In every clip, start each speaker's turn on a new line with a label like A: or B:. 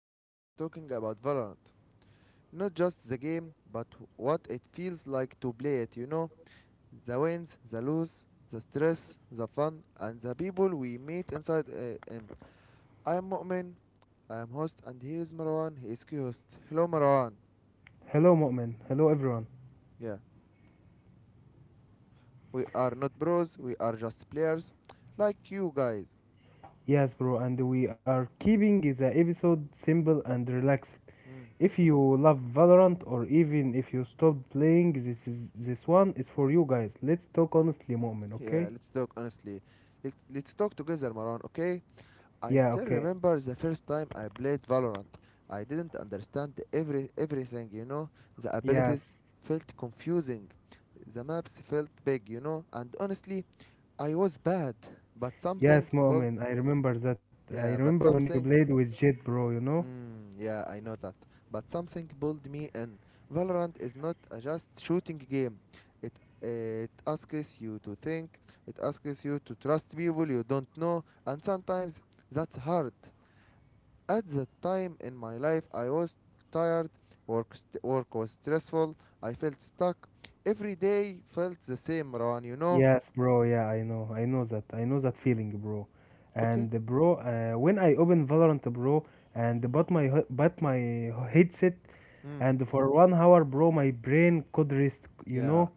A: Today we are talking about Valorant. Not just the game, but what it feels like to play it, you know? The wins, the lose, the stress, the fun, and the people we meet inside AM. I am Mu'min, I am host, and here is Marwan, he is co-host. Hello, Marwan.
B: Hello, Mu'min. Hello, everyone.
A: Yeah, we are not bros, we are just players, like you guys.
B: Yes, bro, and we are keeping the episode simple and relaxed.
A: Mm.
B: If you love Valorant or even if you stopped playing, this one is for you guys. Let's talk honestly, Mu'min,
A: Yeah,
B: okay?
A: let's talk honestly. Let's talk together, Marwan, okay? I
B: Yeah,
A: still
B: okay.
A: remember the first time I played Valorant. I didn't understand everything, you know. The
B: Yes.
A: abilities felt confusing. The maps felt big, you know. And honestly, I was bad. But something
B: Yes,
A: pulled,
B: Mu'min, I remember that. I
A: yeah,
B: remember when you played with Jet, bro, you know?
A: yeah, I know that. But something pulled me in. Valorant is not a just shooting game. It it asks you to think. It asks you to trust people you don't know, and sometimes that's hard. At that time in my life, I was tired, work, work was stressful, I felt stuck. Every day felt the same, Ron, you know?
B: Yes, bro. Yeah, I know. I know that. I know that feeling, bro.
A: Okay?
B: And bro, when I open Valorant, bro, and bought my headset,
A: Mm,
B: and for 1 hour, bro, my brain could rest. You
A: yeah.
B: know,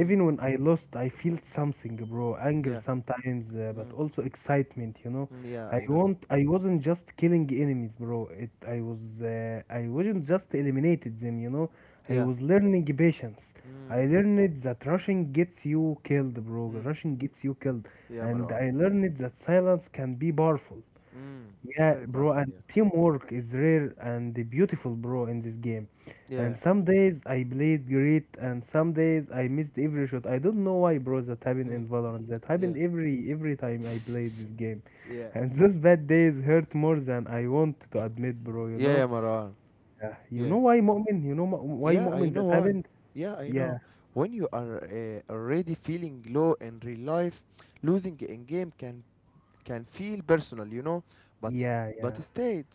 A: Mm,
B: when I lost, I felt something, bro. Anger
A: yeah.
B: sometimes, but
A: Mm,
B: also excitement. You know,
A: mm, yeah,
B: I
A: I know that.
B: want. I wasn't just killing enemies, bro. It. I was. I wasn't just eliminated them. You know, I
A: Yeah.
B: was learning patience. I
A: Mm,
B: learned that rushing gets you killed, bro.
A: mm,
B: Rushing gets you killed.
A: yeah,
B: And
A: Marwan.
B: I learned that silence can be powerful.
A: Mm,
B: Yeah,
A: Very
B: bro,
A: powerful,
B: and
A: yeah.
B: teamwork is rare and beautiful, bro, in this game. And
A: Yeah.
B: some days I played great, and some days I missed every shot. I don't know why, bro, that happened
A: Mm,
B: in Valorant. That
A: yeah.
B: happened every time I played this game.
A: Yeah.
B: And those bad days hurt more than I want to admit, bro, you know?
A: Yeah, Marwan.
B: Yeah. You
A: Yeah.
B: know why, Mu'min? Why,
A: Yeah, I
B: Mu'min,
A: know
B: that
A: why.
B: happened?
A: Yeah, I know.
B: Yeah,
A: When you are already feeling low in real life, losing in game can feel personal, you know, but s-
B: yeah,
A: but
B: yeah.
A: stayed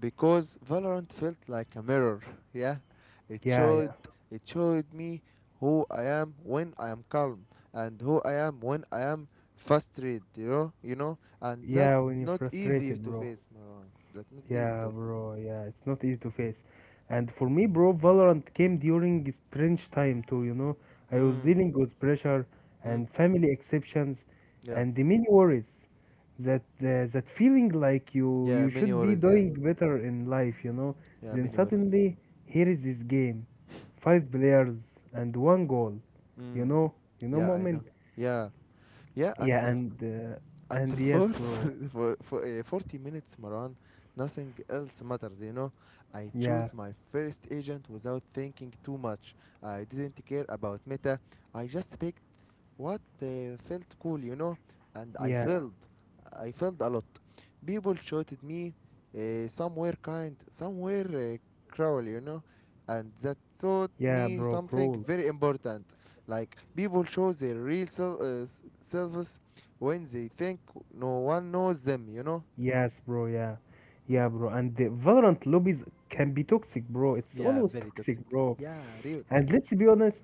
A: because Valorant felt like a mirror. Yeah, it
B: Yeah,
A: showed
B: yeah.
A: it showed me who I am when I am calm and who I am when I am frustrated. And
B: Yeah,
A: that's
B: when you're
A: not easy
B: frustrated,
A: to
B: bro.
A: face, Marwan. That's not easy
B: Yeah,
A: to.
B: bro. Yeah, it's not easy to face. And for me, bro, Valorant came during strange time too, you know. I was
A: Mm.
B: dealing with pressure
A: Mm.
B: and family exceptions
A: Yeah.
B: and the many worries that feeling like you
A: Yeah.
B: you
A: Many
B: should be
A: worries. Yeah.
B: doing better in life, you know.
A: Yeah.
B: Then
A: Many worries.
B: suddenly here is this game. Five players and one goal. You
A: Mm.
B: know, you know,
A: Yeah. I know.
B: moment.
A: Yeah. Yeah.
B: Yeah, and uh,
A: And
B: and yes,
A: for
B: bro.
A: for 40 minutes, Maran, nothing else matters. I chose
B: Yeah.
A: my first agent without thinking too much. I didn't care about meta. I just picked what felt cool, you know, and I
B: Yeah,
A: felt, I felt a lot. People shouted me, somewhere kind, somewhere cruel, you know, and that taught
B: yeah,
A: me
B: bro,
A: something
B: cruel.
A: very important. Like people show their real selves when they think no one knows them, you know.
B: Yes, bro, yeah.
A: Hmm?
B: Yeah, bro. And the Valorant lobbies can be toxic, bro. It's
A: Yeah,
B: always
A: very toxic.
B: toxic, bro.
A: Yeah, rude.
B: And let's be honest,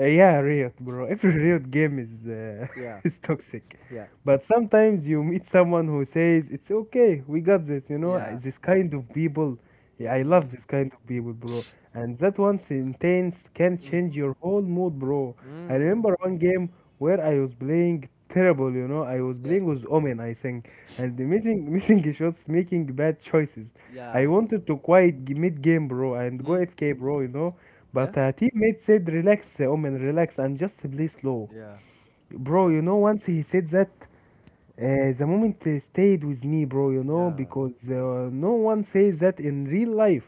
B: yeah, Riot, bro. Every Riot game is
A: Yeah,
B: is toxic.
A: yeah,
B: But sometimes you meet someone who says, "It's okay, we got this," you know,
A: yeah.
B: this kind of people. Yeah, I love
A: Mm,
B: this kind of people, bro. And that one sentence can
A: mm,
B: change your whole mood, bro. I
A: mm.
B: remember one game where I was playing terrible, you know. I was
A: Yeah,
B: playing with Omen, I think, and the missing missing shots, making bad choices. I
A: yeah.
B: wanted to mid game, bro, and go
A: Mm,
B: FK, bro, you know.
A: yeah,
B: But a teammate said, "Relax, Omen, relax, and just play slow,
A: yeah,
B: bro."
A: yeah.
B: You know, once he said that, the moment stayed with me, bro, you know,
A: Yeah,
B: because no one says that in real life.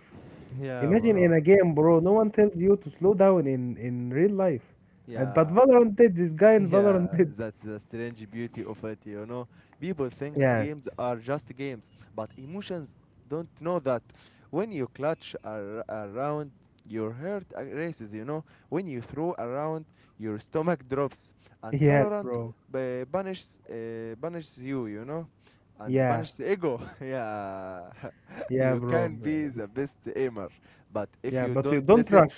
A: yeah,
B: Imagine in
A: Mara.
B: a game, bro, no one tells you to slow down in real life. And but
A: Yeah,
B: Valorant did. This guy in Valorant
A: yeah.
B: did.
A: That's the strange beauty of it, you know. People think
B: Yes,
A: games are just games, but emotions don't know that. When you clutch around, your heart races, you know. When you throw around, your stomach drops. And
B: yes,
A: Valorant
B: bro.
A: banishes you, you know, and
B: Yeah,
A: banishes ego. Yeah,
B: yeah,
A: you
B: bro.
A: can
B: b-
A: be the best aimer, but if
B: Yeah,
A: you
B: but you
A: don't
B: don't
A: listen.
B: rush.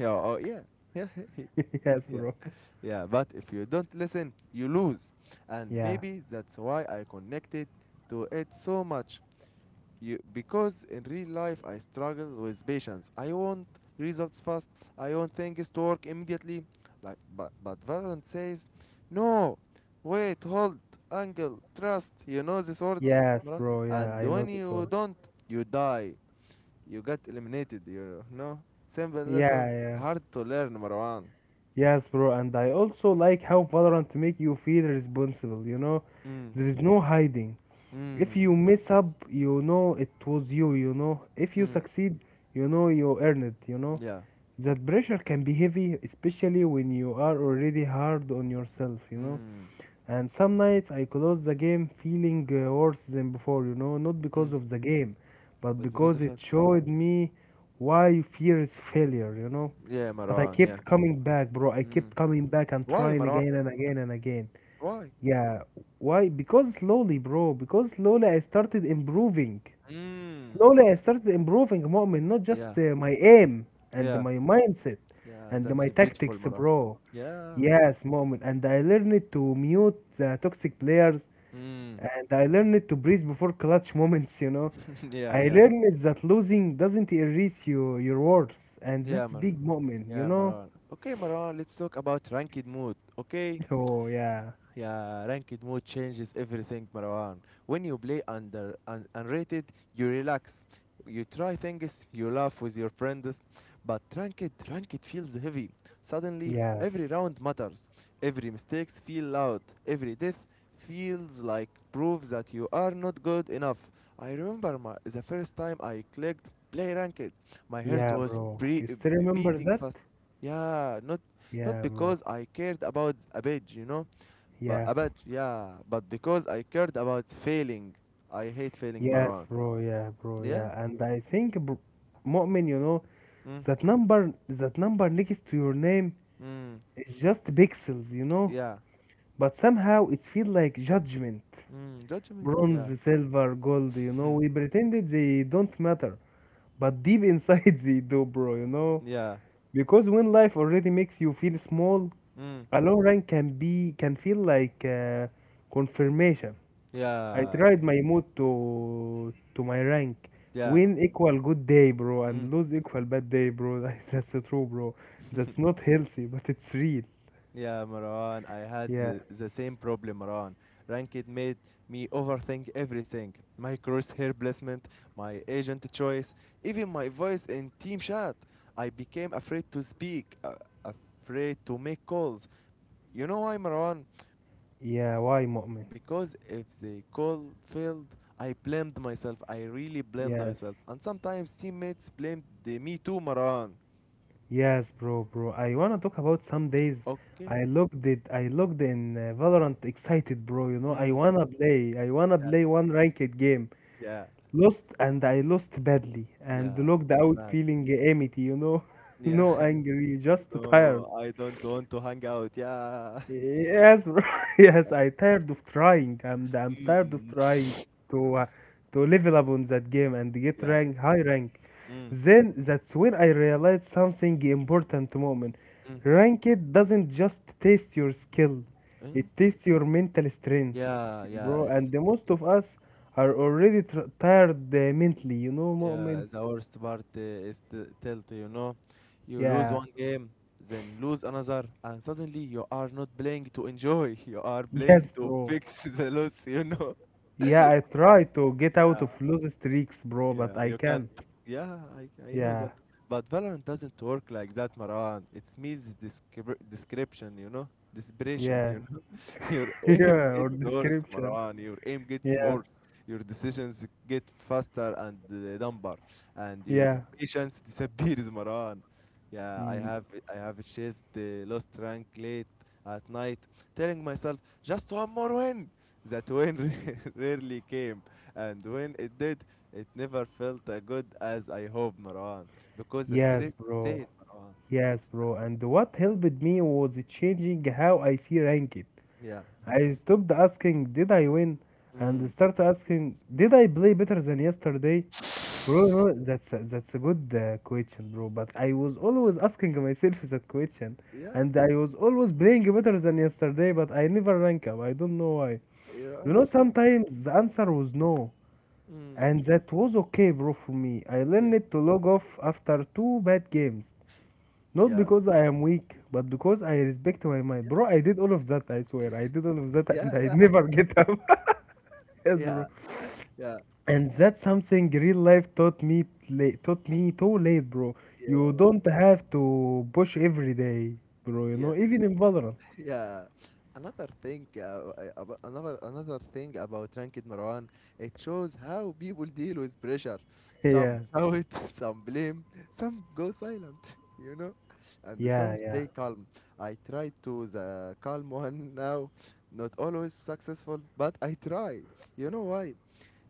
A: Yeah, oh yeah, yeah,
B: Yes,
A: yeah,
B: bro.
A: yeah. But if you don't listen, you lose, and
B: Yeah,
A: maybe that's why I connected to it so much. You because in real life I struggle with patience. I want results fast. I want things to work immediately. Like, but Valorant says, no, wait, hold, angle, trust. You know these words,
B: yes,
A: bro.
B: bro. Yeah,
A: And
B: I know
A: when
B: this
A: you
B: one.
A: don't, you die. You get eliminated. You know. Simple
B: Yeah,
A: lesson,
B: yeah.
A: hard to learn, Marwan.
B: Yes, bro. And I also like how Valorant make you feel responsible. You know,
A: Mm,
B: there is no hiding. If
A: mm,
B: you mess up, you know it was you. You know, if you
A: mm,
B: succeed, you know you earned it. You know,
A: yeah,
B: that pressure can be heavy, especially when you are already hard on yourself, you know.
A: mm,
B: And some nights I close the game feeling worse than before, you know, not because
A: mm.
B: of the game, but
A: But because
B: because
A: of
B: it
A: it,
B: showed me why fear is failure, you know.
A: yeah,
B: But I
A: Maran, yeah.
B: kept coming back, bro, I
A: Mm.
B: kept coming back and
A: Why,
B: trying
A: Maran?
B: again and again and again.
A: Why?
B: Yeah. Why? Because slowly I started improving.
A: Mm.
B: Slowly, I started improving, مؤمن, not just
A: Yeah,
B: my aim and
A: yeah,
B: my mindset
A: yeah.
B: and
A: That's
B: my
A: a beautiful
B: tactics,
A: Maran.
B: bro.
A: Yeah.
B: Yes, مؤمن, and I learned to mute the toxic players
A: Mm.
B: and I learned to breathe before clutch moments, you know.
A: Yeah,
B: I
A: yeah,
B: learned that losing doesn't erase you, your words, and
A: yeah,
B: that's
A: Mar.
B: big moment, you
A: Yeah,
B: know?
A: Maran. Okay, Maran. Let's talk about ranked mood. Okay.
B: Oh, yeah.
A: Yeah, ranked mode changes everything, Marwan. When you play under unrated, you relax. You try things, you laugh with your friends, but ranked, feels heavy. Suddenly,
B: Yes.
A: every round matters. Every mistakes feel loud. Every death feels like proof that you are not good enough. I remember the first time I clicked play ranked. My heart
B: Yeah,
A: was
B: bro.
A: pre-
B: You still remember
A: beating
B: that?
A: fast. Yeah, not
B: Yeah, bro.
A: because I cared about a badge, you know, but
B: Yeah.
A: about yeah, but because I cared about failing. I hate failing,
B: Yes,
A: Marwan.
B: bro. Yeah, bro.
A: Yeah.
B: Yeah, and Mu'min, you know,
A: Mm.
B: that number next to your name
A: Mm.
B: is just pixels, you know.
A: Yeah.
B: But somehow it feels like judgment.
A: Mm. Judgment. Yeah.
B: Bronze, silver, gold, you know.
A: Hmm.
B: We pretended they don't matter, but deep inside they do, bro. You know,
A: Yeah.
B: because when life already makes you feel small,
A: Mm.
B: a low rank can feel like confirmation. I
A: Yeah.
B: tried my mood to my rank.
A: Yeah.
B: Win equal good day, bro,
A: Mm.
B: and lose equal bad day, bro. That's so true, bro. That's not healthy, but it's real.
A: Yeah, Marwan. I had
B: Yeah,
A: the same problem, Marwan. Ranked made me overthink everything. My crosshair placement, my agent choice, even my voice in team chat. I became afraid to speak, afraid to make calls. You know why, Marwan?
B: yeah. Why, Mu'min?
A: Because if they call failed, I blamed myself. I really blamed
B: Yes,
A: myself. And sometimes teammates blamed the me too, Marwan.
B: bro. I wanna talk about some days.
A: Okay?
B: I looked it. I looked in Valorant excited, bro. You know,
A: Mm,
B: I wanna
A: yeah,
B: play one ranked game.
A: yeah,
B: Lost, and I lost badly, and
A: yeah.
B: logged
A: It's
B: out
A: bad.
B: feeling empty. You know,
A: Yeah.
B: no angry, just tired.
A: No, I don't want to hang out. Yeah.
B: Yes, bro. Yes, I tired of trying. I'm tired of
A: Mm,
B: trying to uh, to level up on that game and get
A: yeah.
B: rank high rank.
A: Mm,
B: Then that's when I realized something important moment.
A: mm,
B: Ranked doesn't just test your skill, it
A: mm.
B: tests your mental strength,
A: Yeah, yeah.
B: bro. And
A: It's
B: the most
A: yeah.
B: of us are already tr tired mentally, you know, moment.
A: Yeah, the worst part is tilt, you know. You lose
B: Yeah.
A: one game, then lose another, and suddenly you are not playing to enjoy. You are playing
B: Yes,
A: to
B: bro.
A: fix the loss, you know.
B: Yeah, I try to get out of lose streaks, bro, but
A: Yeah,
B: I
A: you can't.
B: can't.
A: Yeah, I know
B: Yeah.
A: that. But Valorant doesn't work like that, Maran. It means description, you know? Desperation,
B: Yeah,
A: you know? Your aim
B: yeah, or
A: gets worse,
B: description.
A: Maran. Your aim gets
B: Yeah,
A: worse. Your decisions get faster and dumber. And your
B: yeah.
A: patience disappears, Maran. Yeah, I
B: Mm,
A: have I have chased the lost rank late at night, telling myself, just one more win. That win rarely came. And when it did, it never felt as good as I hope, Marwan, because the
B: yes,
A: stress
B: bro.
A: stayed, Marwan.
B: Yes,
A: It's
B: bro. And what helped me was changing how I see ranked.
A: Yeah.
B: I stopped asking, did I win? And
A: Mm,
B: start asking, did I play better than yesterday? Bro, no, that's a good question, bro. But I was always asking myself that question,
A: yeah.
B: and I was always playing better than yesterday. But I never rank up. I don't know why. You
A: Yeah.
B: know,
A: Because.
B: sometimes the
A: Mm,
B: answer was no.
A: mm.
B: And that was okay, bro, for me. I
A: Yeah.
B: learned to log off after two bad games. Not
A: Yeah.
B: because I am weak, but because I respect my mind. Bro, I did all of that, I swear. I did all of that
A: Yeah.
B: and I
A: Yeah. Yeah.
B: never get up. Yes, bro.
A: Yeah.
B: And that's something real life taught me late, taught me too late, bro. You
A: Yeah.
B: don't have to push every day, bro, you
A: Yeah.
B: know, even in Valorant.
A: Yeah. Another thing, uh, I- another thing about Ranked, Marwan, it shows how people deal with pressure.
B: Yeah.
A: Some shout, some blame, some go silent, you know, and
B: Yeah,
A: some
B: yeah.
A: stay calm. I try to the calm one now, not always successful, but I try. You know why?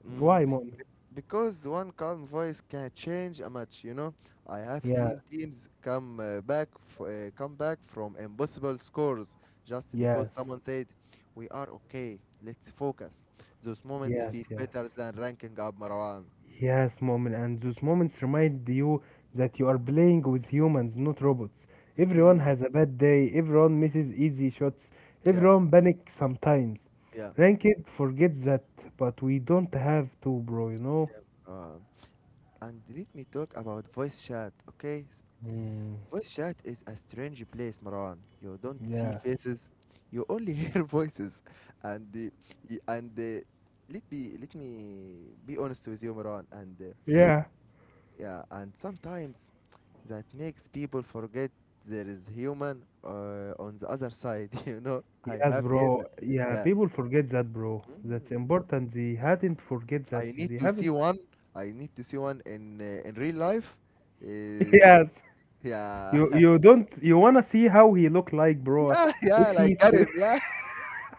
A: Mm,
B: Why, Mon?
A: because one calm voice can change a match. You know, I have
B: Yeah,
A: seen teams come back from impossible scores just because
B: yes.
A: someone said, "We are okay. Let's focus." Those moments
B: Yes,
A: feel
B: yes.
A: better than ranking up, Marwan.
B: Yes, moment, and those moments remind you that you are playing with humans, not robots. Everyone
A: Hmm.
B: has a bad day, everyone misses easy shots,
A: Yeah.
B: everyone panics sometimes.
A: Yeah.
B: Ranked forgets that, but we don't have to, bro, you know?
A: Yeah. Marwan. And let me talk about voice chat. Okay,
B: Mm,
A: voice chat is a strange place, Maran. You don't see
B: yeah.
A: faces, you only hear voices. And y- and let be let me be honest with you, Maran. And
B: Yeah.
A: yeah, and sometimes that makes people forget there is human on the other side. You know, I
B: Yes,
A: have here.
B: bro. Yeah,
A: Yeah.
B: people forget that, bro. That's
A: Mm.
B: important. They hadn't forget that.
A: I need
B: They
A: to see
B: haven't.
A: one. I need to see one in real life. Is
B: Yes.
A: yeah,
B: You you don't you wanna see how he look like, bro?
A: yeah, yeah,
B: If
A: like
B: he's
A: Karen. Yeah,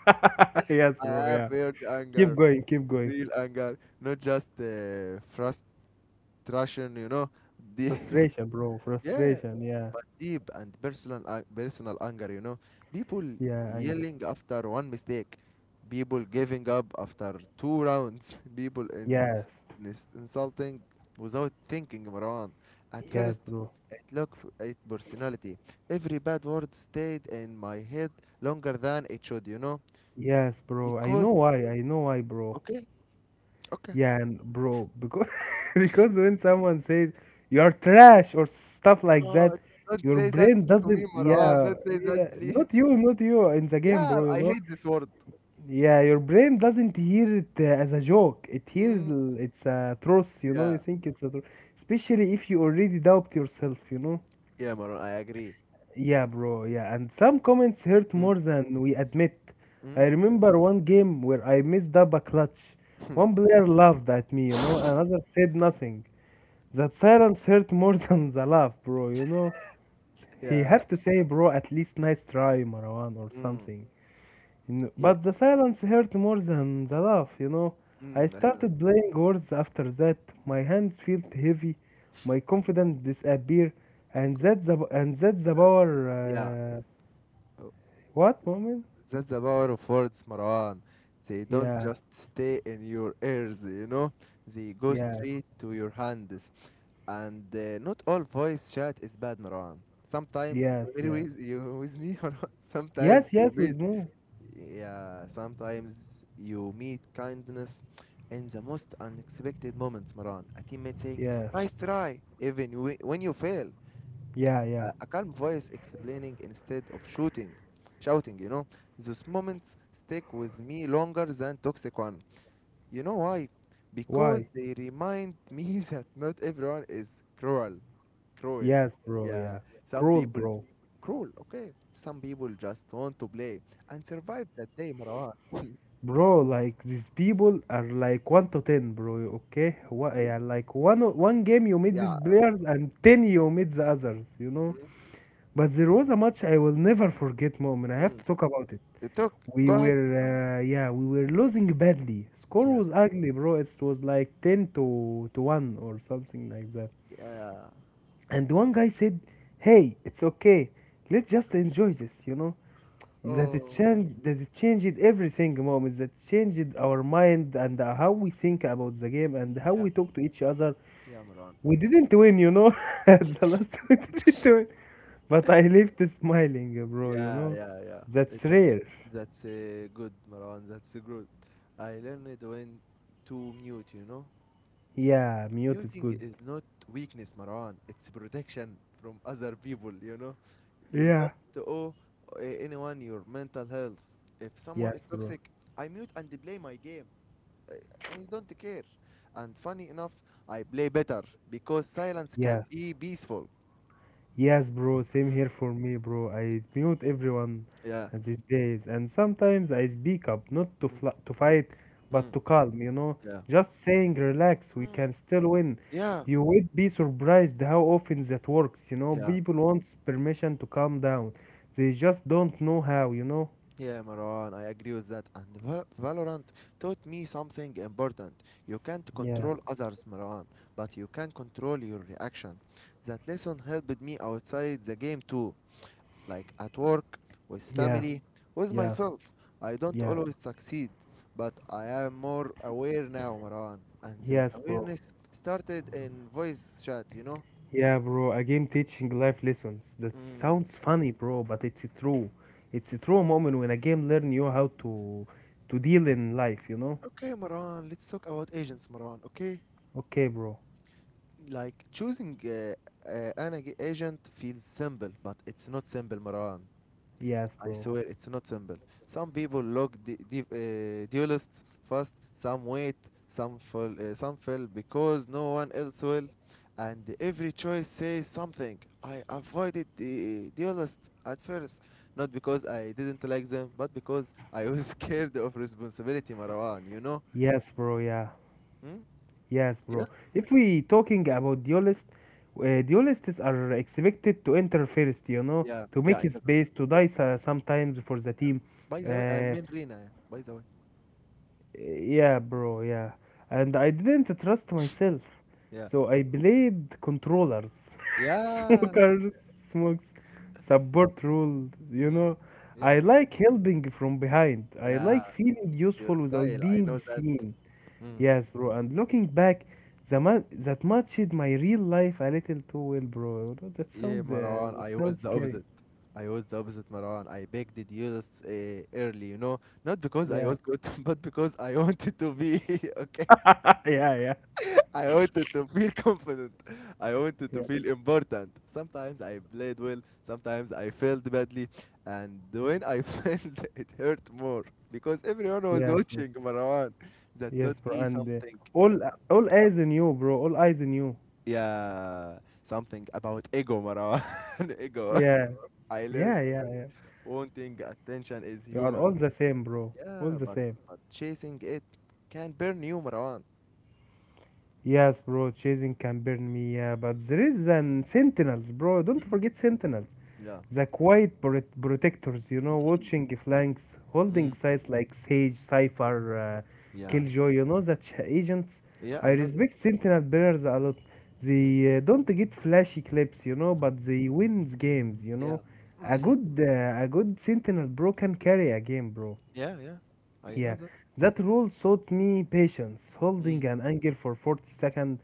B: yes,
A: I
B: bro.
A: have
B: Yeah.
A: heard
B: Keep
A: anger
B: going. Keep going.
A: real anger, not just frustration, you know. Deep,
B: Frustration, bro.
A: yeah,
B: Frustration. Yeah.
A: but deep and personal anger, you know. People
B: Yeah. Anger.
A: yelling after one mistake, people giving up after two rounds, people in,
B: Yes.
A: ins- insulting without thinking, Marwan. At
B: Yes,
A: first,
B: bro.
A: it looked at personality. Every bad word stayed in my head longer than it should, you know,
B: Yes, bro. I know
A: because
B: why. I know why, bro.
A: okay. Okay,
B: Yeah, and bro, because because when someone says you're trash or stuff like
A: oh,
B: that,
A: don't
B: your
A: say that
B: brain
A: to me,
B: doesn't.
A: Maran.
B: Yeah.
A: Don't say that,
B: Yeah.
A: please.
B: Not you. Not you in the game,
A: Yeah,
B: bro. You
A: I
B: know.
A: hate this word.
B: Yeah, your brain doesn't hear it as a joke. It
A: Mm,
B: it's a truth, you know. You
A: yeah,
B: think it's a truth, especially if you already doubt yourself, you know.
A: yeah, Maran. I agree.
B: Yeah, bro. Yeah, and some comments hurt more
A: Mm,
B: than we admit. I
A: mm,
B: remember one game where I messed up a clutch. One player laughed at me, you know. Another said nothing. That silence hurt more than the laugh, bro. You know, he
A: yeah,
B: have to say, bro, at least nice try, Marwan, or
A: mm,
B: something. You know,
A: yeah,
B: but the silence hurt more than the laugh, you know. I
A: mm, Layla.
B: started playing words after that. My hands felt heavy, my confidence disappeared, and
A: Cool.
B: that's the
A: That-
B: power.
A: Yeah, oh,
B: What moment?
A: that's the power of words, Maran. They don't
B: Yeah,
A: just stay in your ears, you know? They go
B: yeah,
A: straight to your hands. And not all voice chat is bad, Maran. Sometimes
B: yes,
A: you agree
B: yes,
A: with me, Maran. Sometimes
B: yes,
A: you
B: yes,
A: meet
B: with moon.
A: Yeah, sometimes you meet kindness in the most unexpected moments, Maran. A teammate saying,
B: Yeah,
A: nice try, even when you fail.
B: yeah, yeah.
A: A calm voice explaining instead of shouting, you know. Those moments stick with me longer than toxic one. You know why? Because
B: Why?
A: they remind me that not everyone is cruel. Cruel.
B: Yes, bro.
A: Yeah,
B: Yeah,
A: some
B: cruel,
A: people,
B: bro.
A: cruel, okay. Some people just want to play and survive that day, Marwan.
B: Bro, like these people are like 1 to 10, bro. Okay? What, yeah, like one game you made these
A: Yeah.
B: players and 10 you made the others, you know?
A: Mm,
B: But there was a match I will never forget, moment. I have
A: mm.
B: to talk about it.
A: They took.
B: We
A: Go ahead.
B: were, yeah, we were losing badly. Score
A: Yeah.
B: was ugly, bro. It was like 10 to, 1 or something like that.
A: Yeah.
B: And one guy said, hey, it's okay. Let's just enjoy this, you know? that it
A: Oh.
B: changed That it changed everything, mom. Is that changed our mind and how we think about the game and how
A: Yeah.
B: we talk to each other.
A: Yeah, Maran.
B: We didn't win, you know. At the last, we didn't win, but I left smiling, bro, you
A: Yeah,
B: know.
A: yeah, yeah. Uh,
B: That's
A: That's
B: rare.
A: that's good, Maran. That's good. I learned when to mute. You know,
B: Yeah, mute is
A: muting
B: good.
A: is not weakness, Maran. It's protection from other people. You know, you
B: Yeah.
A: don't owe anyone your mental health. If someone is
B: Yes, bro.
A: toxic, I mute and play my game. I don't care. And funny enough, I play better because silence can
B: Yes.
A: be peaceful.
B: Yes, bro, same
A: Mm,
B: here for me, bro. I mute everyone
A: yeah.
B: these days, and sometimes I speak up, not to
A: Mm,
B: to fight, but
A: mm,
B: to calm.
A: yeah.
B: Just saying, relax, we
A: Mm.
B: can still win.
A: Yeah.
B: You would be surprised how often that works.
A: Yeah.
B: People want permission to calm down, they just don't know how.
A: Yeah, Marwan, I agree with that. And Valorant taught me something important. You can't
B: Yeah,
A: control others, Marwan, but you can control your reaction. That lesson helped me outside the game too, like at work, with
B: yeah,
A: family, with
B: yeah,
A: myself. I don't
B: yeah.
A: always succeed, but I am more aware now, Marwan. And that
B: Yes, bro.
A: awareness started in voice chat, you know?
B: Yeah, bro, a game teaching life lessons. That
A: Mm.
B: sounds funny, bro, but it's true. It's a true moment when a game learn you how to deal in life, you know?
A: Okay, Marwan, let's talk about agents, Marwan, okay?
B: Okay, bro.
A: Like choosing an agent feels simple, but it's not simple, Marwan.
B: Yes,
A: I
B: bro.
A: swear it's not simple. Some people look duelists first, some wait, some fall, some fail because no one else will, and every choice says something. I avoided the duelists at first, not because I didn't like them, but because I was scared of responsibility, Marwan. You know?
B: Yes, bro, yeah.
A: Hmm?
B: Yes,
A: Yeah,
B: bro. If we talking about duelists, duelists are expected to enter first, you know,
A: yeah,
B: to
A: yeah. I
B: make
A: know them.
B: space, to die sometimes for the
A: Yeah.
B: team.
A: By the way, I
B: Uh,
A: mean Rina. Yeah, by the way,
B: Yeah, bro, yeah. And I didn't trust myself.
A: yeah,
B: So I played controllers,
A: yeah,
B: smokers, smokes, support rule, you
A: mm.
B: know.
A: Yeah,
B: I like helping from behind. I
A: yeah.
B: like feeling
A: It's your
B: useful without
A: style. I
B: being
A: know that.
B: seen.
A: Mm.
B: Yes, bro. And looking back, that matched my real life a little too well, bro. That
A: Yeah,
B: sound uh,
A: Marwan,
B: that
A: I was
B: sounds
A: the
B: scary.
A: opposite. I was the opposite, Marwan. I begged the duelists early, you know, not because I
B: Yeah.
A: was good, but because I wanted to be okay.
B: Yeah, yeah.
A: I wanted to feel confident. I wanted
B: Yeah.
A: to feel important. Sometimes I played well, sometimes I failed badly, and when I failed, it hurt more because everyone was
B: Yes,
A: watching, Marwan. That taught
B: yes, bro.
A: me
B: And
A: something.
B: all all eyes in you, bro. All eyes in you.
A: Yeah, something about ego, Marwan. Ego.
B: Yeah,
A: I learned
B: yeah, yeah,
A: that.
B: yeah.
A: Wanting attention is
B: You are
A: human.
B: all the same, bro. All
A: Yeah,
B: the
A: but
B: same.
A: but chasing it can burn you, Marwan.
B: Yes, bro. Chasing can burn me. Yeah, but there is an sentinels, bro. Don't
A: Mm,
B: forget sentinels.
A: yeah,
B: The quiet protectors, you know,
A: mm,
B: watching flanks, holding
A: mm.
B: sides like Sage, Cypher,
A: Yeah.
B: Killjoy, you know, such agents.
A: Yeah,
B: I
A: I know that.
B: respect Sentinel bearers a lot.
A: Mm.
B: They don't get flashy clips, but they wins games.
A: Yeah.
B: A good, uh, a good Sentinel bro can carry a game, bro.
A: Yeah, yeah. I know
B: Yeah,
A: that.
B: that rule taught me patience,
A: Mm.
B: holding an anger for 40 seconds,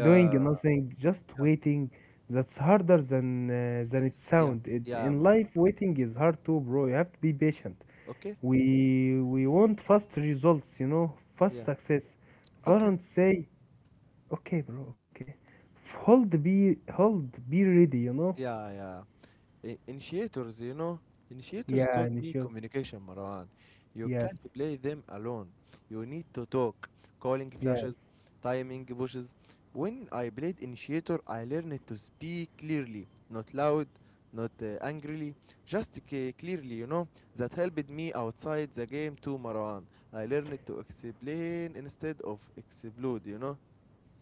B: doing nothing, just
A: Yeah.
B: waiting. That's harder than it
A: It's yeah.
B: sounds.
A: Yeah,
B: In
A: Marwan.
B: life, waiting is hard too, bro. You have to be patient.
A: Okay.
B: We want fast results, you know, fast
A: Yeah.
B: success.
A: Okay.
B: Varant say, okay, bro, okay. Hold, be ready, you know.
A: Yeah, yeah. Initiators, you know, initiators
B: Yeah,
A: taught me
B: Nishio.
A: communication, Marwan. You
B: Yes,
A: can't play them alone. You need to talk. Calling
B: yes.
A: flashes, timing bushes. When I played initiator, I learned to speak clearly, not loud, not angrily, just clearly, you know. That helped me outside the game too, Marwan. I learned to explain instead of explode, you know.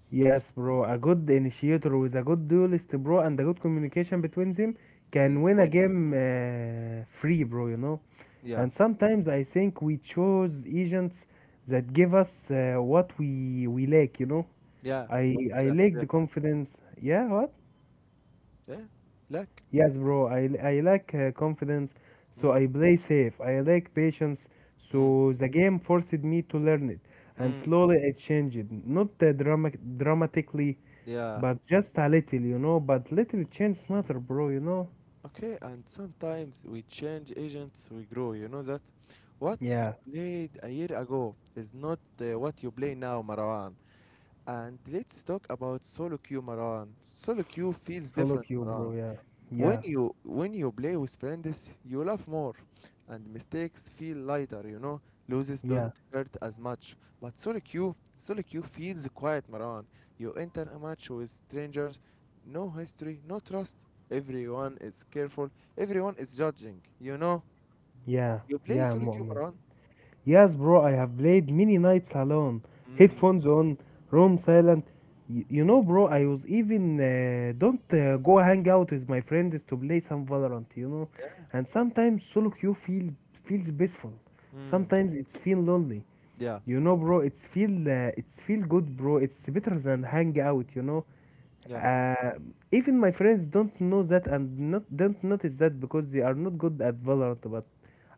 B: Yes, bro. A good initiator with a good duelist, bro, and a good communication between them can
A: Is
B: win a
A: when,
B: game free, bro.
A: yeah,
B: And sometimes I think we chose agents that give us what we lack, you know.
A: yeah. What
B: I
A: we
B: I
A: lack,
B: lack
A: yeah,
B: the confidence. Yeah, what?
A: yeah, lack.
B: Yes, bro. I lack confidence, so
A: Mm,
B: I play safe. I lack patience,
A: mm,
B: so the game forced me to learn it. And
A: mm.
B: slowly it changed. Not dramatically,
A: Yeah.
B: but just a little. But little change matter, bro.
A: Okay, and sometimes we change agents, we grow. You know that what
B: Yeah.
A: you played a year ago is not what you play now, Marwan. And let's talk about solo queue, Marwan. Solo queue feels
B: Solo
A: different,
B: queue,
A: Marwan.
B: bro. Yeah.
A: when
B: Yeah.
A: you when you play with friends, you laugh more and mistakes feel lighter, you know. Losses don't
B: Yeah.
A: hurt as much, but solo queue feels quiet, Maran. You enter a match with strangers, no history, no trust. Everyone is careful, everyone is judging, you know.
B: Yeah.
A: You play
B: Yeah,
A: solo queue,
B: Mu'min.
A: Maran.
B: Yes, bro, I have played many nights alone.
A: Mm,
B: Headphones on, room silent. You know, bro, I was even don't go hang out with my friends to play some Valorant. And sometimes solo queue feels peaceful.
A: mm,
B: Sometimes it's feel lonely.
A: yeah,
B: You know, bro, it's feel good, bro. It's better than hang out.
A: yeah,
B: Uh, even my friends don't know that and not don't notice that because they are not good at Valorant. But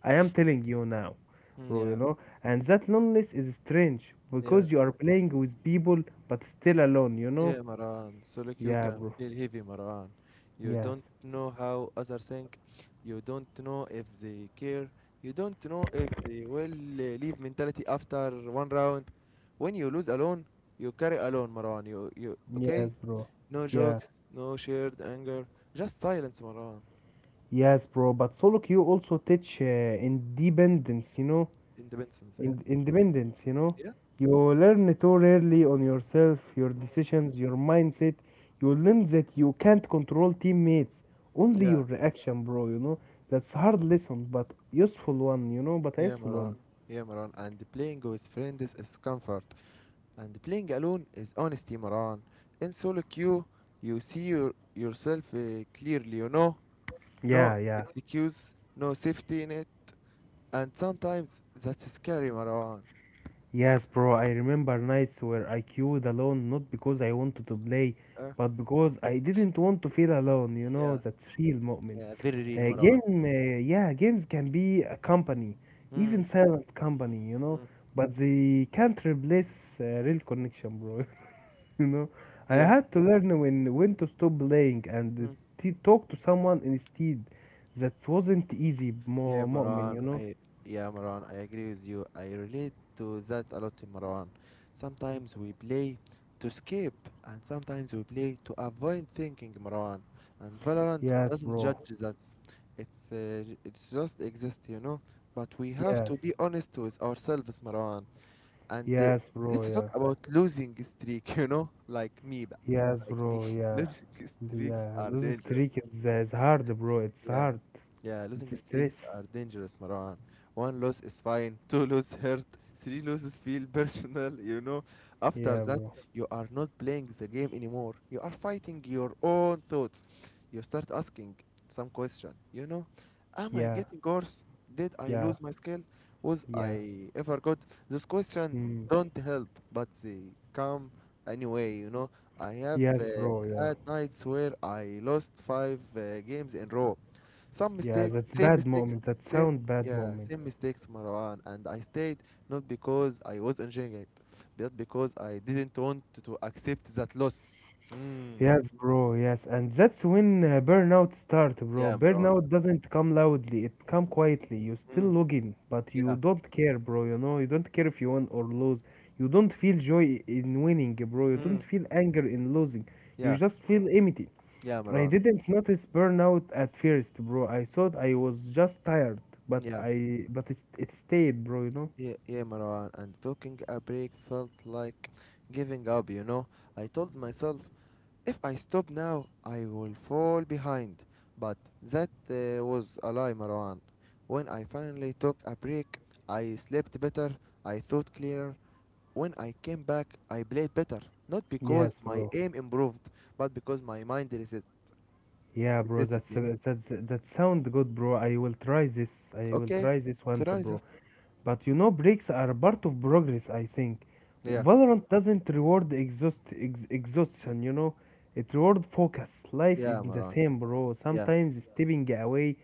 B: I am telling you now,
A: mm,
B: bro. You
A: yeah,
B: know, and that loneliness is strange
A: yeah.
B: because you are playing with people but still alone. You know?
A: Yeah, Marwan. Solo queue
B: Yeah,
A: can
B: bro.
A: feel heavy, Marwan. You
B: Yes.
A: don't know how others think. You don't know if they care. You don't know if they will leave mentality after one round. When you lose alone, you carry alone, Marwan. You,
B: Yes,
A: okay?
B: bro.
A: No
B: Yeah.
A: jokes, no shared anger, just silence, Marwan.
B: Yes, bro. But solo queue also teach independence. You know,
A: Independence, yeah.
B: independence, you know.
A: Yeah?
B: You learn too rarely on yourself, your
A: Mm,
B: decisions, your mindset. You learn that you can't control teammates, only
A: yeah,
B: your reaction, bro. That's hard lesson, but useful one, but a
A: yeah,
B: useful
A: Marwan.
B: one.
A: Yeah, Marwan. And playing with friends is comfort. And playing alone is honesty, Maran. In solo queue, you see your, yourself clearly, you know? No
B: Yeah, yeah.
A: excuse, no safety net, and sometimes that's scary, Marwan.
B: Yes, bro, I remember nights where I queued alone, not because I wanted to play,
A: Uh,
B: but because I didn't want to feel alone, you know,
A: yeah,
B: that's real moment.
A: yeah, very real,
B: Uh,
A: Marwan.
B: game, uh, yeah, games can be a company,
A: Mm,
B: even silent company, you know,
A: mm,
B: but they can't replace real connection, bro. You know, I
A: yeah,
B: had to learn when to stop playing and
A: mm.
B: talk to someone instead. That wasn't easy,
A: Yeah,
B: mu'min,
A: Marwan,
B: you know.
A: I yeah, Marwan, I agree with you. I relate to that a lot, Marwan. Sometimes we play to escape, and sometimes we play to avoid thinking, Marwan. And Valorant
B: Yes,
A: doesn't
B: bro.
A: judge that. It's just exist, you know. But we have
B: Yes.
A: to be honest with ourselves, Marwan. And
B: Yes, bro.
A: let's
B: Yeah.
A: talk about losing streak, you know, like me,
B: Yes,
A: like me.
B: bro. Yeah.
A: Losing streaks
B: Yeah.
A: are
B: Those
A: dangerous.
B: streak is hard, bro. It's
A: Yeah,
B: hard.
A: yeah, losing
B: It's stress.
A: streaks are dangerous, Marwan. One loss is fine, two lose hurt, three losses feel personal, you know. After
B: Yeah,
A: that,
B: bro.
A: you are not playing the game anymore. You are fighting your own thoughts. You start asking some question, you know. Am I
B: Yeah.
A: getting worse? Did I
B: Yeah.
A: lose my skill? Was
B: Yeah.
A: I ever good? Those questions
B: Mm.
A: don't help, but they come anyway, you know. I have
B: Yes, bro. Yeah.
A: had nights where I lost five games in row. Some
B: Yeah,
A: mistake,
B: that's
A: same
B: bad
A: mistakes,
B: moment. That
A: same
B: sound bad
A: yeah,
B: moment.
A: same mistakes, Marwan. And I stayed not because I was enjoying it, but because I didn't want to accept that loss. Mm.
B: Yes, bro. Yes, and that's when burnout start, bro.
A: Yeah, Marwan.
B: Burnout doesn't come loudly. It come quietly. You still
A: Mm.
B: login, but
A: Yeah.
B: you don't care, bro. You know, you don't care if you win or lose. You don't feel joy in winning, bro. You
A: Mm.
B: don't feel anger in losing.
A: Yeah.
B: You just feel empty.
A: Yeah,
B: I
A: Marwan.
B: didn't notice burnout at first, bro. I thought I was just tired, but
A: Yeah.
B: it stayed, bro. You know.
A: Yeah, yeah, Marwan. And taking a break felt like giving up, you know. I told myself, if I stop now, I will fall behind. But that was a lie, Marwan. When I finally took a break, I slept better, I thought clearer. When I came back, I played better. Not because
B: Yes,
A: my
B: bro.
A: aim improved, but because my mind
B: Yeah, bro,
A: resisted,
B: that's
A: you know?
B: that's that sound good, bro. I will try this. I will
A: Okay,
B: try this once,
A: try this.
B: bro. But you know, breaks are part of progress, I think.
A: Yeah,
B: Valorant doesn't reward exhaustion. It reward focus. Life is
A: yeah,
B: the
A: Marwan.
B: same, bro.
A: Yeah.
B: Sometimes stepping away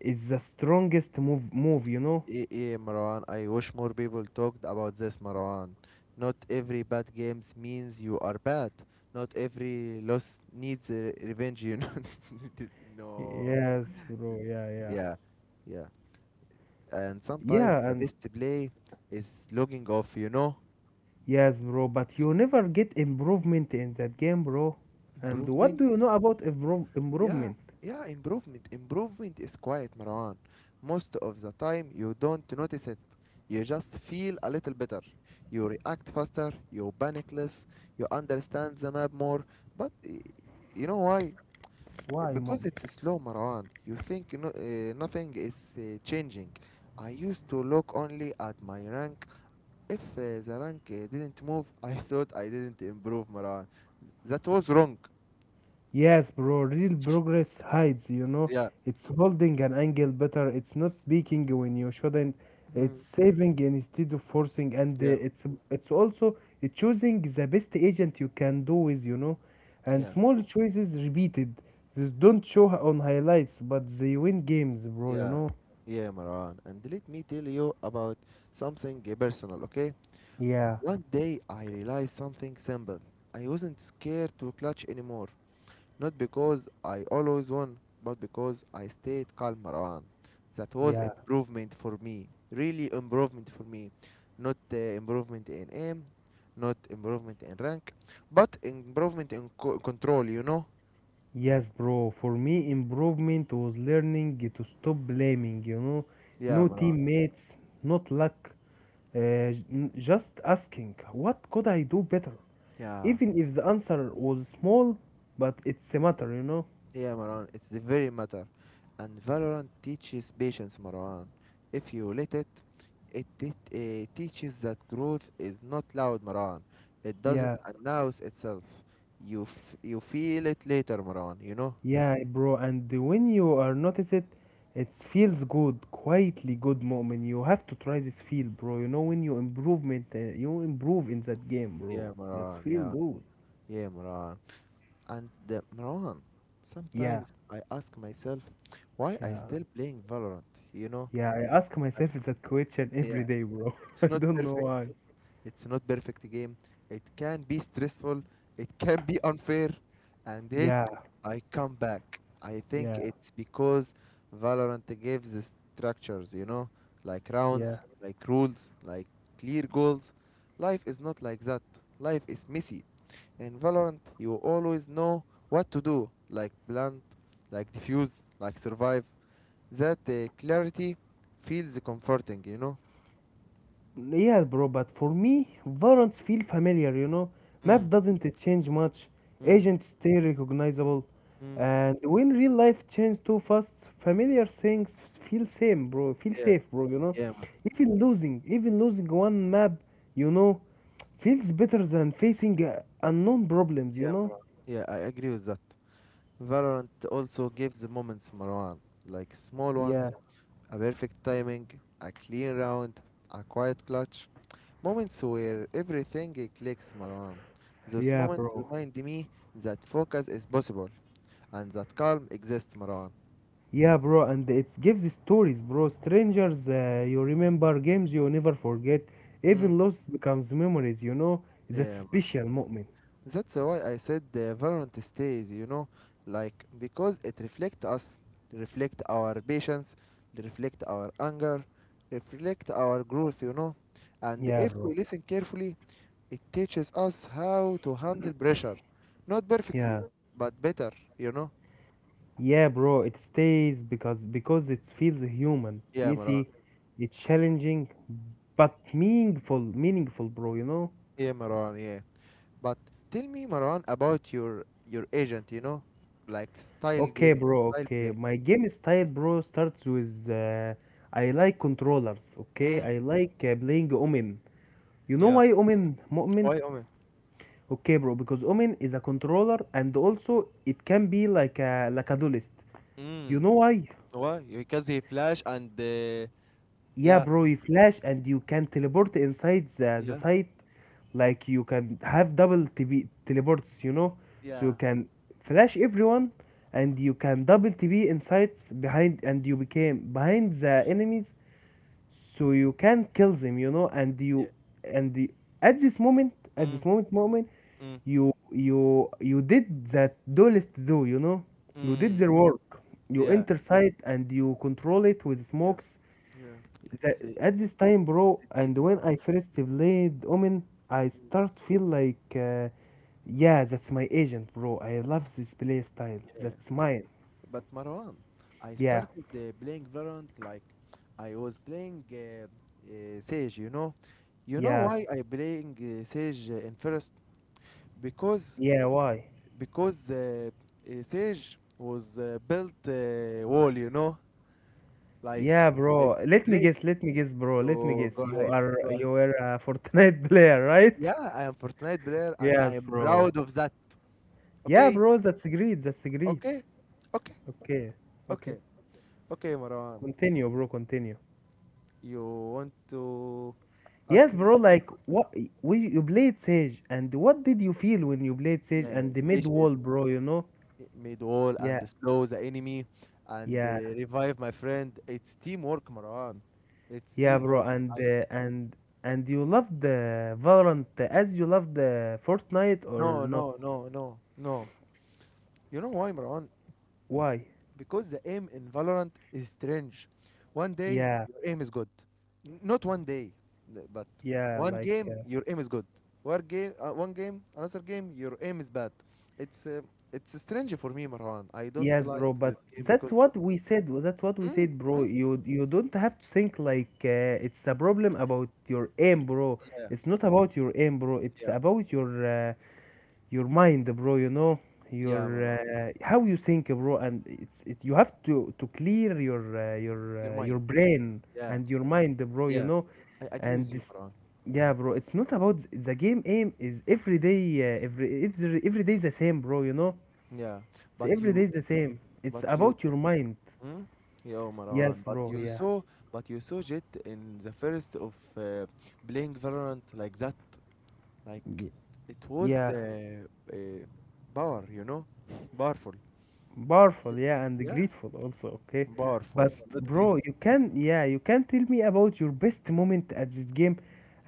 B: is the strongest move.
A: Yeah, Marwan, I wish more people talked about this, Marwan. Not every bad games means you are bad. Not every loss needs a revenge, you know. No.
B: Yes, bro. Yeah, yeah.
A: Yeah, yeah. And sometimes
B: Yeah,
A: the
B: and
A: best play is logging off, you know.
B: yes, bro, but you never get improvement in that game, bro. And what
A: Improvement
B: do you know about improve
A: yeah,
B: improvement?
A: yeah, improvement. Improvement is quiet, Marwan. Most of the time, you don't notice it. You just feel a little better. You react faster, you panic less, you understand the map more. But you know why?
B: Why,
A: Because
B: mom?
A: it's slow, Marwan. You think no, nothing is changing. I used to look only at my rank. If the rank didn't move, I thought I didn't improve, Marwan. That was wrong.
B: Yes, bro, real progress hides.
A: Yeah.
B: It's holding an angle better. It's not peeking when you shouldn't. It's
A: Hmm.
B: saving instead of forcing, and
A: Yeah.
B: it's also choosing the best agent you can do with, you know. And
A: Yeah.
B: small choices repeated. These don't show on highlights, but they win games, bro, you
A: Yeah,
B: know.
A: yeah, Maran. And let me tell you about something personal, okay?
B: Yeah,
A: One day I realized something simple. I wasn't scared to clutch anymore. Not because I always won, but because I stayed calm, Maran. That was
B: yeah,
A: improvement for me. Really improvement for me. Not improvement in aim, not improvement in rank, but improvement in control, you know?
B: yes, bro. For me, improvement was learning to stop blaming.
A: Yeah,
B: No
A: Maran.
B: teammates, not luck. Just asking, what could I do better?
A: Yeah.
B: Even if the answer was small, but it's a matter.
A: Yeah, Marwan, it's the very matter. And Valorant teaches patience, Marwan. If you let it, it teaches that growth is not loud, Marwan. It doesn't
B: Yeah,
A: announce itself. You you feel it later, Marwan, you know?
B: yeah, bro. And when you are notice it, it feels good, quietly good moment. You have to try this feel, bro. You know when you improvement, you improve in that game,
A: Yeah,
B: bro. That's
A: Marwan,
B: feel
A: yeah.
B: good.
A: Yeah, Marwan. And the Marwan,
B: Yeah,
A: sometimes I ask myself why I
B: yeah,
A: still playing Valorant, you know?
B: yeah. I ask
A: Like,
B: myself that question every
A: yeah,
B: day, bro.
A: it's
B: I
A: not
B: don't know
A: perfect.
B: why.
A: It's not perfect game. It can be stressful. It can be unfair. And it,
B: Yeah,
A: I come back. I think
B: yeah,
A: it's because Valorant gives the structures, you know, like
B: yeah.
A: rounds, like rules, like clear goals. Life is not like that. Life is messy. In Valorant, you always know what to do, like plant, like defuse, like survive. That clarity feels comforting, you know?
B: Yeah, bro, but for me, Valorant feel familiar.
A: Mm,
B: Map doesn't change much,
A: mm,
B: agents stay recognizable,
A: mm.
B: and when real life change too fast, familiar things feel same, bro, feel
A: Yeah,
B: safe, bro.
A: yeah,
B: Even losing one map, you know, feels better than facing unknown problems, you
A: yeah,
B: know?
A: bro. Yeah, I agree with that. Valorant also gives moments, Marwan, like small
B: Yeah,
A: ones, a perfect timing, a clean round, a quiet clutch. Moments where everything clicks, Marwan. Those
B: yeah,
A: moments
B: bro.
A: remind me that focus is possible and that calm exists, Marwan.
B: Yeah, bro, and it gives stories, bro. Strangers, you remember games you never forget.
A: Mm,
B: Even loss becomes memories. That
A: yeah, Marwan.
B: special moment.
A: That's why I said the Valorant stays, you know, like because it reflects us, reflect our patience, reflect our anger, reflect our growth, you know. And
B: Yeah,
A: if we
B: bro.
A: listen carefully, it teaches us how to handle pressure. Not perfectly,
B: Yeah.
A: but better, you know.
B: Yeah, bro, it stays because it feels human,
A: Yeah, Maran.
B: messy, it's challenging, but meaningful, meaningful, bro.
A: Yeah, Maran, yeah. But tell me, Maran, about your agent, you know, like style
B: Okay,
A: gaming,
B: bro,
A: style
B: okay.
A: play.
B: My game style, bro, starts with I like controllers, okay?
A: Mm.
B: I like playing Omen. You know
A: Yeah.
B: why Omen? Mu'min?
A: Why, Omen?
B: Okay, bro, because Omen is a controller and also it can be like a duelist. You
A: Mm.
B: know why?
A: Why? Because he flash and
B: Yeah,
A: yeah,
B: bro, you flash and you can teleport inside the
A: yeah,
B: site. Like you can have double TB teleports. So
A: yeah,
B: you can flash everyone and you can double TB in behind and you became behind the enemies so you can kill them, and
A: yeah.
B: and the, at this moment at
A: Mm,
B: this moment moment
A: mm,
B: you did that duelist do. You did
A: mm.
B: their work, you
A: Yeah,
B: enter site and you control it with
A: yeah,
B: smokes
A: yeah. It's
B: that,
A: a,
B: at this time, bro.
A: it's a great
B: And when
A: Marwan.
B: I first played Omen, I
A: Mm,
B: start feel like yeah, that's my agent, bro. I love this play style.
A: yeah,
B: That's mine.
A: but Marwan, I
B: Yeah,
A: started playing Valorant like I was playing Sage. You know
B: yeah,
A: why I playing Sage in first because
B: yeah, why.
A: because uh, Sage was built wall. You know, like
B: Yeah,
A: I
B: bro. Let me
A: played.
B: guess. Let me guess, bro. Let me
A: Oh, go
B: guess. You
A: ahead.
B: are
A: Go.
B: you were a Fortnite player, right?
A: Yeah, I am Fortnite player and I
B: Yes,
A: am
B: bro.
A: proud of that.
B: Yeah,
A: Okay,
B: bro. That's great. That's great.
A: okay, okay,
B: Okay. Okay.
A: okay, okay, Marwan.
B: Continue, bro. Continue.
A: You want to ask
B: Yes,
A: me
B: bro.
A: another
B: Like
A: question?
B: what we you played Sage, and what did you feel when you played Sage
A: Yeah,
B: and the mid
A: stage is
B: wall, bro? You know?
A: made wall
B: Yeah.
A: and slow the enemy and
B: Yeah.
A: revive my friend. It's teamwork, Marwan. It's
B: Yeah, bro.
A: teamwork.
B: And
A: I
B: uh, and and you loved the Valorant as you loved the Fortnite or
A: no,
B: not?
A: no, no, no, no. You know why, Marwan?
B: Why?
A: Because the aim in Valorant is strange. One day
B: Yeah.
A: your aim is good, not one day, but
B: Yeah.
A: one
B: Like.
A: game your aim is good. Another game your aim is bad. It's uh, it's strange for me, Marwan. I don't
B: Yes,
A: like
B: bro,
A: this
B: but
A: game
B: that's
A: because of
B: what we said. That's what we
A: mm,
B: said, bro.
A: mm,
B: You don't have to think like it's a problem about your aim, bro.
A: yeah,
B: It's not about your aim, bro. It's
A: yeah,
B: about your mind, bro. You know
A: yeah,
B: your
A: Marwan.
B: how you think, bro. And it's it. You have to clear your uh, your
A: Your
B: uh,
A: mind,
B: your brain
A: yeah,
B: and your mind, bro. You
A: yeah.
B: know,
A: I agree
B: and
A: with you,
B: this,
A: Marwan.
B: yeah, bro. It's not about the game. Aim is every day, every day the same, bro. You know
A: Yeah,
B: it's
A: but
B: every day
A: you,
B: is the same.
A: but
B: It's
A: you
B: about your mind.
A: mm? Yo, Marwan,
B: Yes,
A: but you
B: bro. Yeah.
A: saw, but you saw Jet in the first of playing Valorant like that, like
B: Y-
A: it was
B: Yeah.
A: uh, power, you know, powerful.
B: Powerful. Yeah, and
A: Yeah,
B: grateful also. Okay.
A: powerful,
B: But
A: not great.
B: bro, you can. Yeah, you can tell me about your best moment at this game,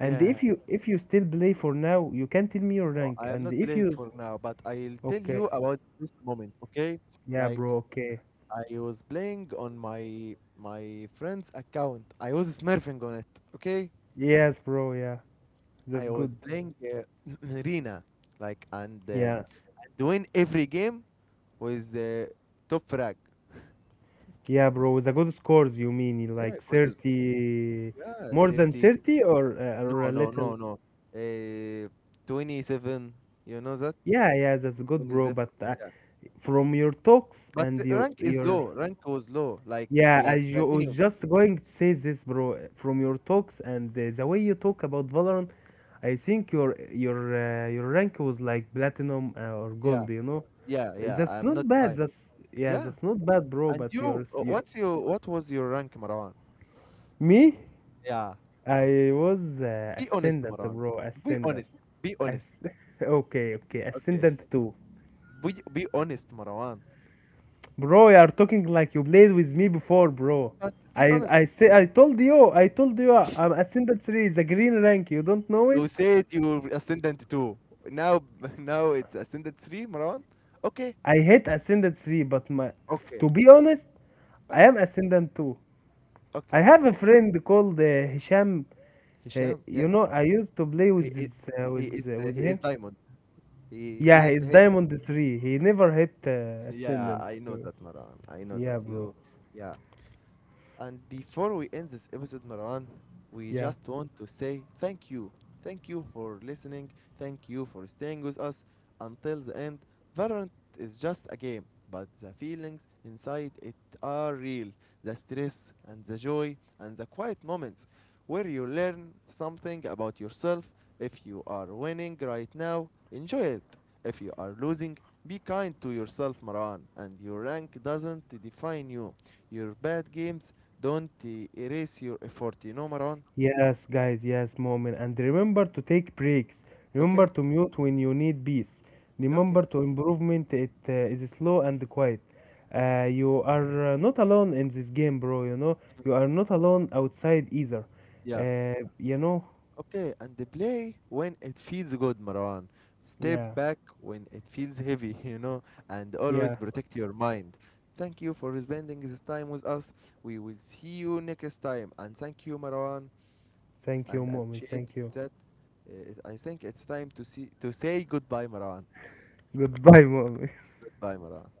B: and if you still play for now, you can tell me your
A: no, I
B: rank,
A: am
B: and
A: not
B: if
A: playing
B: you.
A: for now, but I'll tell you
B: Okay.
A: about this moment, okay?
B: Yeah,
A: Like
B: bro. Okay.
A: I was playing on my friend's account. I was smurfing on it, okay?
B: Yes, bro. Yeah. That's
A: I was
B: good.
A: playing Rina, like and.
B: Yeah.
A: To win every game with top frag.
B: Yeah, bro. With a good scores, you mean
A: Yeah,
B: like
A: good.
B: 30,
A: Yeah,
B: more than
A: 30.
B: 30 or
A: No,
B: a
A: no,
B: little?
A: no, no. Uh, 27. You know that?
B: Yeah, yeah, that's good, bro.
A: 27.
B: But
A: Yeah.
B: from your talks
A: But
B: and
A: the
B: your
A: rank is
B: your
A: low. Rank was low. Like
B: yeah, I ju- was
A: platinum.
B: just going to say this, bro. From your talks and the way you talk about Valorant, I think your rank was like platinum or
A: Yeah,
B: gold. You know,
A: yeah, yeah.
B: that's
A: I'm
B: not
A: not
B: bad.
A: high.
B: That's Yeah,
A: Yeah.
B: that's not bad, bro.
A: And
B: But
A: you,
B: yours, you,
A: what was your rank, Marwan?
B: me,
A: Yeah.
B: I was
A: Be honest,
B: ascendant,
A: Marwan.
B: bro.
A: Be
B: Ascendant.
A: honest. Be
B: As
A: honest.
B: okay, okay,
A: Okay.
B: ascendant two.
A: Be honest, Marwan.
B: Bro, you are talking like you played with me before, bro.
A: But be
B: I
A: honest.
B: I say I told you, I'm Ascendant 3 is a green rank. You don't know
A: You
B: him?
A: said you're ascendant two. Now, now it's ascendant three, Marwan. Okay,
B: I hate Ascendant 3, but my
A: okay,
B: to be honest, I
A: fine.
B: am Ascendant 2. I
A: Okay,
B: have a
A: Marwan.
B: friend called Hisham. Uh,
A: Hisham,
B: you
A: yeah,
B: know, I used to play
A: he
B: with
A: is,
B: his,
A: he is the,
B: with
A: he is
B: him.
A: diamond. He
B: Yeah,
A: didn't
B: he's
A: hit.
B: Diamond 3. He never hit
A: Yeah,
B: Ascendant
A: I know
B: 2.
A: that, Marwan. I know that
B: Yeah, bro.
A: you. Yeah, and before we end this episode, Marwan, we
B: Yeah.
A: just want to say thank you. Thank you for listening. Thank you for staying with us until the end. Valorant is just a game, but the feelings inside it are real. The stress and the joy and the quiet moments where you learn something about yourself. If you are winning right now, enjoy it. If you are losing, be kind to yourself, Marwan, and your rank doesn't define you. Your bad games don't erase your effort, you know, Marwan?
B: Yes, guys, yes, moment. And remember to take breaks.
A: Okay?
B: Remember to mute when you need peace.
A: Okay.
B: Remember to improvement. It is slow and quiet. You are not alone in this game, bro. You know, you are not alone outside either.
A: Yeah.
B: You know,
A: Okay, and the play when it feels good, Marwan. Step
B: yeah,
A: back when it feels heavy, you know, and
B: yeah.
A: always protect your mind. Thank you for spending this time with us. We will see you next time. And thank you, Marwan.
B: Thank you,
A: And I
B: moment.
A: appreciate
B: Thank you.
A: that. I think it's time to say goodbye, Marwan.
B: Goodbye, moment.
A: Goodbye, Marwan.